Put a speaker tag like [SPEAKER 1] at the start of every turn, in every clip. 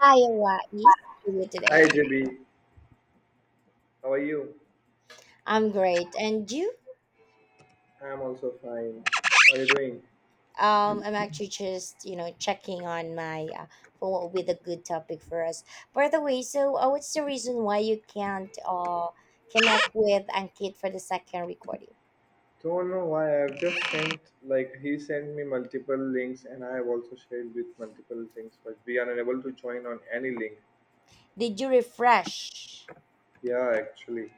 [SPEAKER 1] Iowa is for you
[SPEAKER 2] Hi
[SPEAKER 1] today.
[SPEAKER 2] JB, how are you?
[SPEAKER 1] I'm great, and you?
[SPEAKER 2] I'm also fine. How are you doing?
[SPEAKER 1] I'm actually just checking on my for what with a good topic for us. By the way, so what's the reason why you can't connect with Ankit for the second recording?
[SPEAKER 2] Don't know why I've just sent he sent me multiple links and I have also shared with multiple things, but we are unable to join on any link.
[SPEAKER 1] Did you refresh?
[SPEAKER 2] Yeah, actually.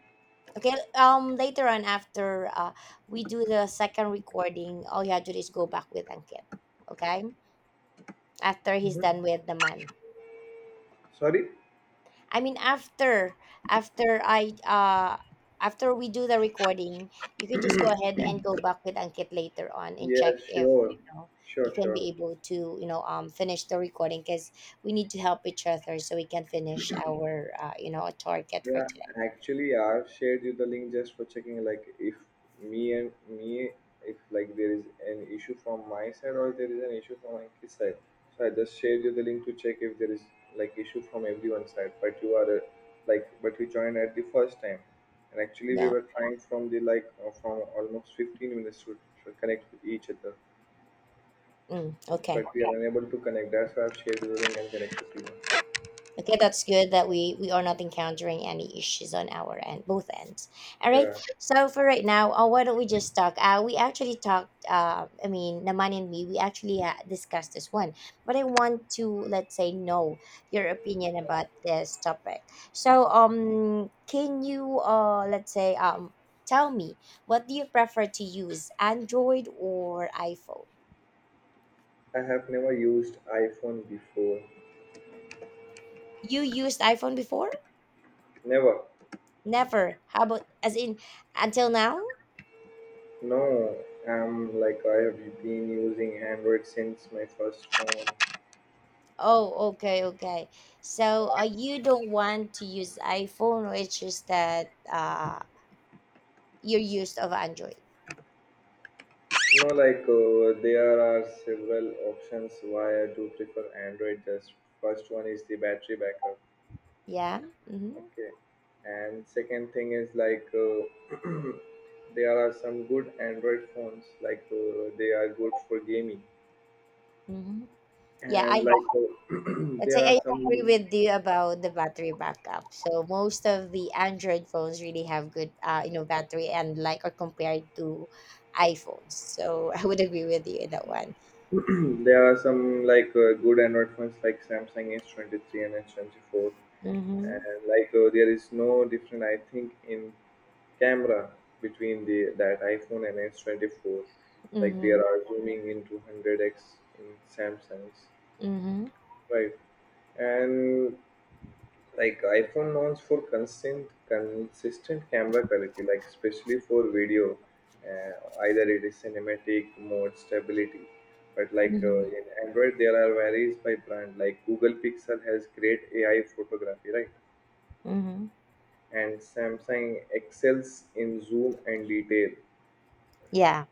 [SPEAKER 1] Okay, later on after we do the second recording, all you have to do is go back with Ankit. Okay, after he's
[SPEAKER 2] Mhm.
[SPEAKER 1] done with the month.
[SPEAKER 2] Sorry?
[SPEAKER 1] I mean after after I after we do the recording, you can just go ahead and go back with Ankit later on and
[SPEAKER 2] Yeah,
[SPEAKER 1] check if
[SPEAKER 2] sure.
[SPEAKER 1] you
[SPEAKER 2] Sure,
[SPEAKER 1] can
[SPEAKER 2] sure.
[SPEAKER 1] be able to finish the recording because we need to help each other so we can finish our target for
[SPEAKER 2] Yeah,
[SPEAKER 1] today.
[SPEAKER 2] actually, I've shared you the link just for checking. Like, if me, if there is an issue from my side or there is an issue from my kid's side, so I just shared you the link to check if there is like issue from everyone's side. But you are like, but we joined at the first time, and actually we
[SPEAKER 1] Yeah.
[SPEAKER 2] were trying from the from almost 15 minutes to connect with each other,
[SPEAKER 1] Mm,
[SPEAKER 2] but
[SPEAKER 1] okay.
[SPEAKER 2] we are unable to connect. That's why I've shared you the link and connected to you.
[SPEAKER 1] Okay, that's good that we are not encountering any issues on our end, both ends. All right.
[SPEAKER 2] Yeah,
[SPEAKER 1] So for right now, why don't we just talk? We actually talked. I mean, Naman and me, we actually discussed this one, but I want to let's say know your opinion about this topic. So can you let's say tell me what do you prefer to use, Android or iPhone?
[SPEAKER 2] I have never used iPhone before.
[SPEAKER 1] You used iPhone before?
[SPEAKER 2] Never.
[SPEAKER 1] Never. How about as in until now?
[SPEAKER 2] No, I'm I have been using Android since my first phone.
[SPEAKER 1] Oh, okay, okay. So you don't want to use iPhone, or it's just that you're used of Android.
[SPEAKER 2] No, there are several options why I do prefer Android. Just first one is the battery backup.
[SPEAKER 1] Yeah. Mm-hmm.
[SPEAKER 2] Okay, and second thing is there are some good Android phones. They are good for gaming,
[SPEAKER 1] Mm-hmm. Yeah,
[SPEAKER 2] and
[SPEAKER 1] I I'd
[SPEAKER 2] there
[SPEAKER 1] say
[SPEAKER 2] are
[SPEAKER 1] I agree
[SPEAKER 2] some
[SPEAKER 1] with you about the battery backup. So most of the Android phones really have good, battery and like are compared to iPhones. So I would agree with you in that one.
[SPEAKER 2] there are some good Android phones like Samsung S 23 and S 24
[SPEAKER 1] Mm-hmm.
[SPEAKER 2] and there is no difference I think in camera between the that iphone and s24. Like there
[SPEAKER 1] Mm-hmm.
[SPEAKER 2] are zooming into 100x in samsung's,
[SPEAKER 1] Mm-hmm.
[SPEAKER 2] right? And iphone wants for constant consistent camera quality, like especially for video, uh, either it is cinematic mode stability. But
[SPEAKER 1] Mm-hmm.
[SPEAKER 2] in android there are varies by brand. Like google pixel has great ai photography, right?
[SPEAKER 1] Mm-hmm.
[SPEAKER 2] And Samsung excels in zoom and detail.
[SPEAKER 1] Yeah.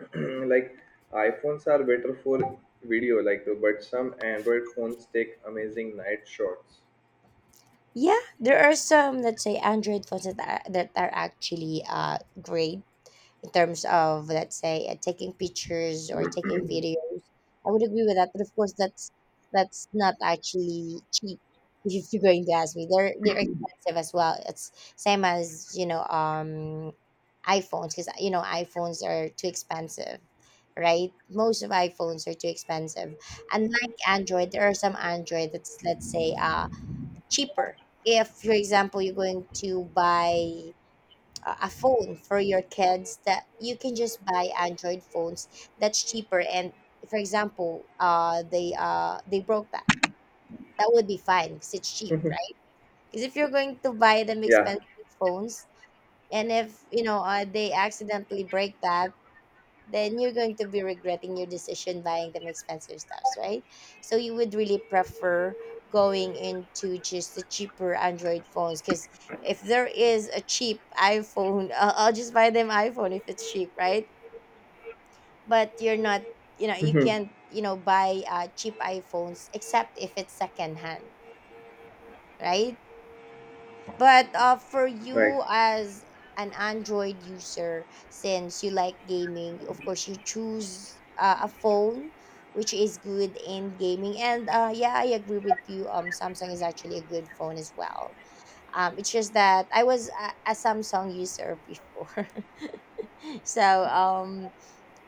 [SPEAKER 2] like iPhones are better for video, like but some Android phones take amazing night shots.
[SPEAKER 1] Yeah, there are some, let's say, Android phones that are actually great in terms of, let's say, taking pictures or taking videos. I would agree with that, but of course, that's not actually cheap. If you're going to ask me, they're expensive as well. It's same as iPhones because iPhones are too expensive, right? Most of iPhones are too expensive. Unlike Android, there are some Android that's let's say, cheaper. If, for example, you're going to buy a phone for your kids, that you can just buy Android phones that's cheaper. And for example, they broke that. That would be fine because it's cheap, right? Because if you're going to buy them
[SPEAKER 2] Yeah.
[SPEAKER 1] expensive phones, and if they accidentally break that, then you're going to be regretting your decision buying them expensive stuffs, right? So you would really prefer going into just the cheaper Android phones because if there is a cheap iPhone, I'll just buy them iPhone if it's cheap, right? But you're not, you
[SPEAKER 2] Mhm.
[SPEAKER 1] can't, buy cheap iPhones except if it's secondhand, right? But for
[SPEAKER 2] Right.
[SPEAKER 1] you as an Android user, since you like gaming, of course you choose a phone which is good in gaming. And yeah, I agree with you. Samsung is actually a good phone as well. It's just that I was a Samsung user before, so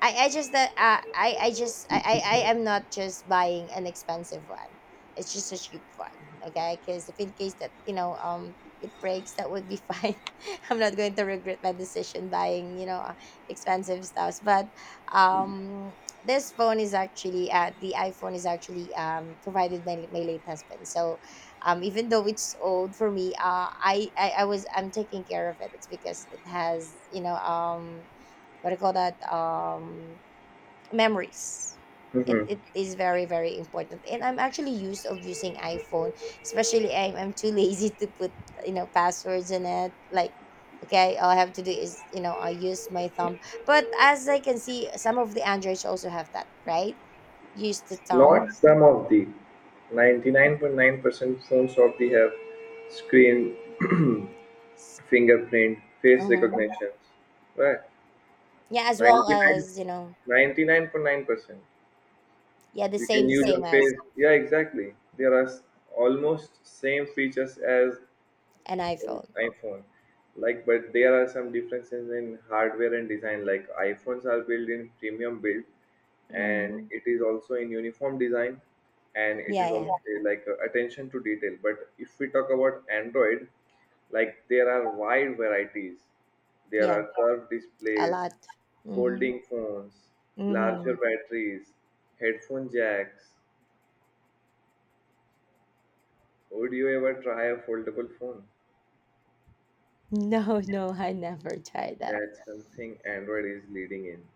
[SPEAKER 1] I, I just that uh, I I just I, I I am not just buying an expensive one. It's just a cheap one, okay? Because if in case that it breaks, that would be fine. I'm not going to regret my decision buying expensive stuffs. But um, this phone is actually the iPhone is actually provided by my late husband. So even though it's old for me, I'm taking care of it. It's because it has what do you call that? Memories. it,
[SPEAKER 2] Mhm.
[SPEAKER 1] it is very very important, and I'm actually used of using iPhone. Especially I'm too lazy to put passwords in it, like, okay, all I have to do is I use my thumb. But as I can see, some of the androids also have that, right? Use the
[SPEAKER 2] Not
[SPEAKER 1] thumb.
[SPEAKER 2] some of the 99.9% phones of the have screen fingerprint, face
[SPEAKER 1] Mhm.
[SPEAKER 2] recognitions. Right.
[SPEAKER 1] Yeah, as well,
[SPEAKER 2] 99,
[SPEAKER 1] as you know.
[SPEAKER 2] 99.9%.
[SPEAKER 1] Yeah, the
[SPEAKER 2] You can
[SPEAKER 1] same the
[SPEAKER 2] use your
[SPEAKER 1] same as
[SPEAKER 2] face. Yeah, exactly. Almost same features as
[SPEAKER 1] an
[SPEAKER 2] in
[SPEAKER 1] iPhone.
[SPEAKER 2] iPhone. Like, but there are some differences in hardware and design. Like iPhones are built in premium build, and
[SPEAKER 1] Hmm.
[SPEAKER 2] it is also in uniform design, and it
[SPEAKER 1] Yeah,
[SPEAKER 2] is
[SPEAKER 1] yeah,
[SPEAKER 2] also, yeah, attention to detail. But if we talk about Android, like there are wide varieties. There
[SPEAKER 1] yeah.
[SPEAKER 2] are curved
[SPEAKER 1] A
[SPEAKER 2] displays,
[SPEAKER 1] lot. Mm-hmm.
[SPEAKER 2] folding phones,
[SPEAKER 1] Mm-hmm.
[SPEAKER 2] larger batteries, headphone jacks. Would you ever try a foldable phone?
[SPEAKER 1] No, no, I never tried that.
[SPEAKER 2] That's something Android is leading in.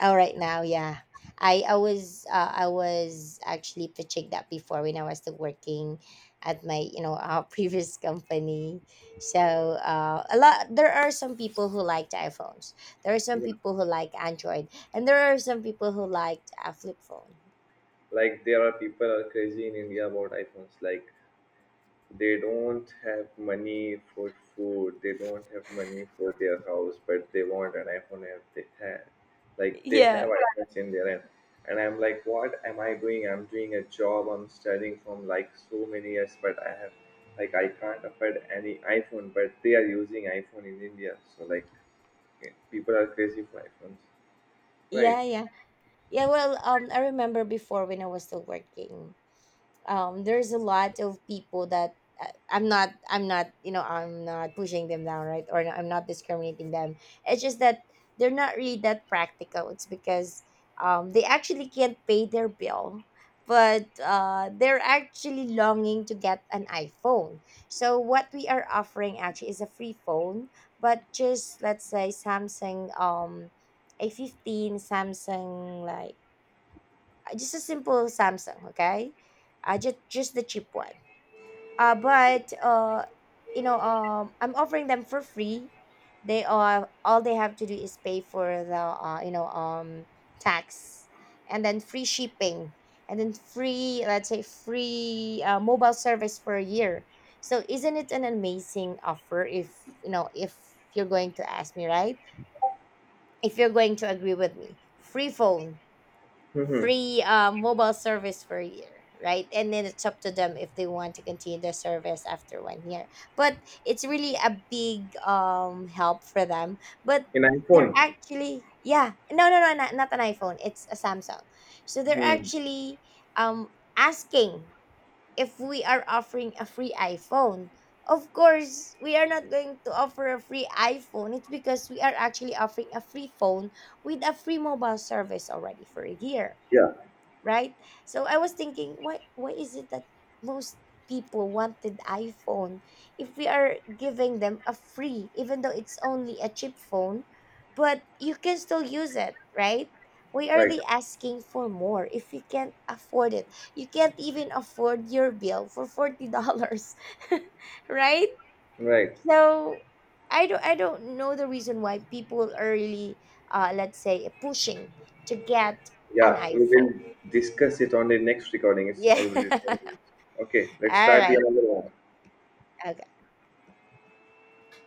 [SPEAKER 1] Oh, right now, yeah. I was actually pitching that before when I was still working at my previous company. So a lot, there are some people who liked iPhones. There are some
[SPEAKER 2] Yeah.
[SPEAKER 1] people who like Android, and there are some people who liked a flip phone.
[SPEAKER 2] There are people are crazy in India about iPhones. Like they don't have money for food, they don't have money for their house, but they want an iPhone app they have. Like they have
[SPEAKER 1] Yeah.
[SPEAKER 2] iPhones in their hand. And I'm like, what am I doing? I'm doing a job, I'm studying from like so many years, but I have I can't afford any iPhone, but they are using iPhone in India. So like okay. People are crazy for iPhones. Right.
[SPEAKER 1] Yeah, yeah, yeah. Well, I remember before when I was still working. There's a lot of people that I'm not pushing them down, right, or I'm not discriminating them. It's just that they're not really that practical. It's because they actually can't pay their bill, but they're actually longing to get an iPhone. So what we are offering actually is a free phone, but just let's say Samsung, a 15 Samsung, like, just a simple Samsung, okay? Just the cheap one. But I'm offering them for free. They are all they have to do is pay for the tax, and then free shipping, and then free, let's say, free mobile service for a year. So isn't it an amazing offer? If if you're going to ask me, right? If you're going to agree with me, free phone,
[SPEAKER 2] Mm-hmm.
[SPEAKER 1] free mobile service for a year, right? And then it's up to them if they want to continue the service after one year. But it's really a big help for them. But
[SPEAKER 2] In
[SPEAKER 1] they're
[SPEAKER 2] iPhone.
[SPEAKER 1] actually, yeah, no, no, no, not an iPhone, it's a samsung. So they're
[SPEAKER 2] Hmm.
[SPEAKER 1] actually asking if we are offering a free iPhone. Of course we are not going to offer a free iPhone. It's because we are actually offering a free phone with a free mobile service already for a year.
[SPEAKER 2] Yeah.
[SPEAKER 1] Right? So I was thinking, why is it that most people wanted iPhone if we are giving them a free, even though it's only a cheap phone, but you can still use it, right? Why are
[SPEAKER 2] Right.
[SPEAKER 1] they asking for more if you can't afford it? You can't even afford your bill for $40, right?
[SPEAKER 2] Right.
[SPEAKER 1] So I don't know the reason why people are really, let's say, pushing to get an
[SPEAKER 2] Yeah. We will
[SPEAKER 1] iPhone.
[SPEAKER 2] discuss it on the next recording. It's
[SPEAKER 1] Yeah.
[SPEAKER 2] already 10 minutes. Okay. Let's
[SPEAKER 1] All
[SPEAKER 2] start the
[SPEAKER 1] right.
[SPEAKER 2] another one.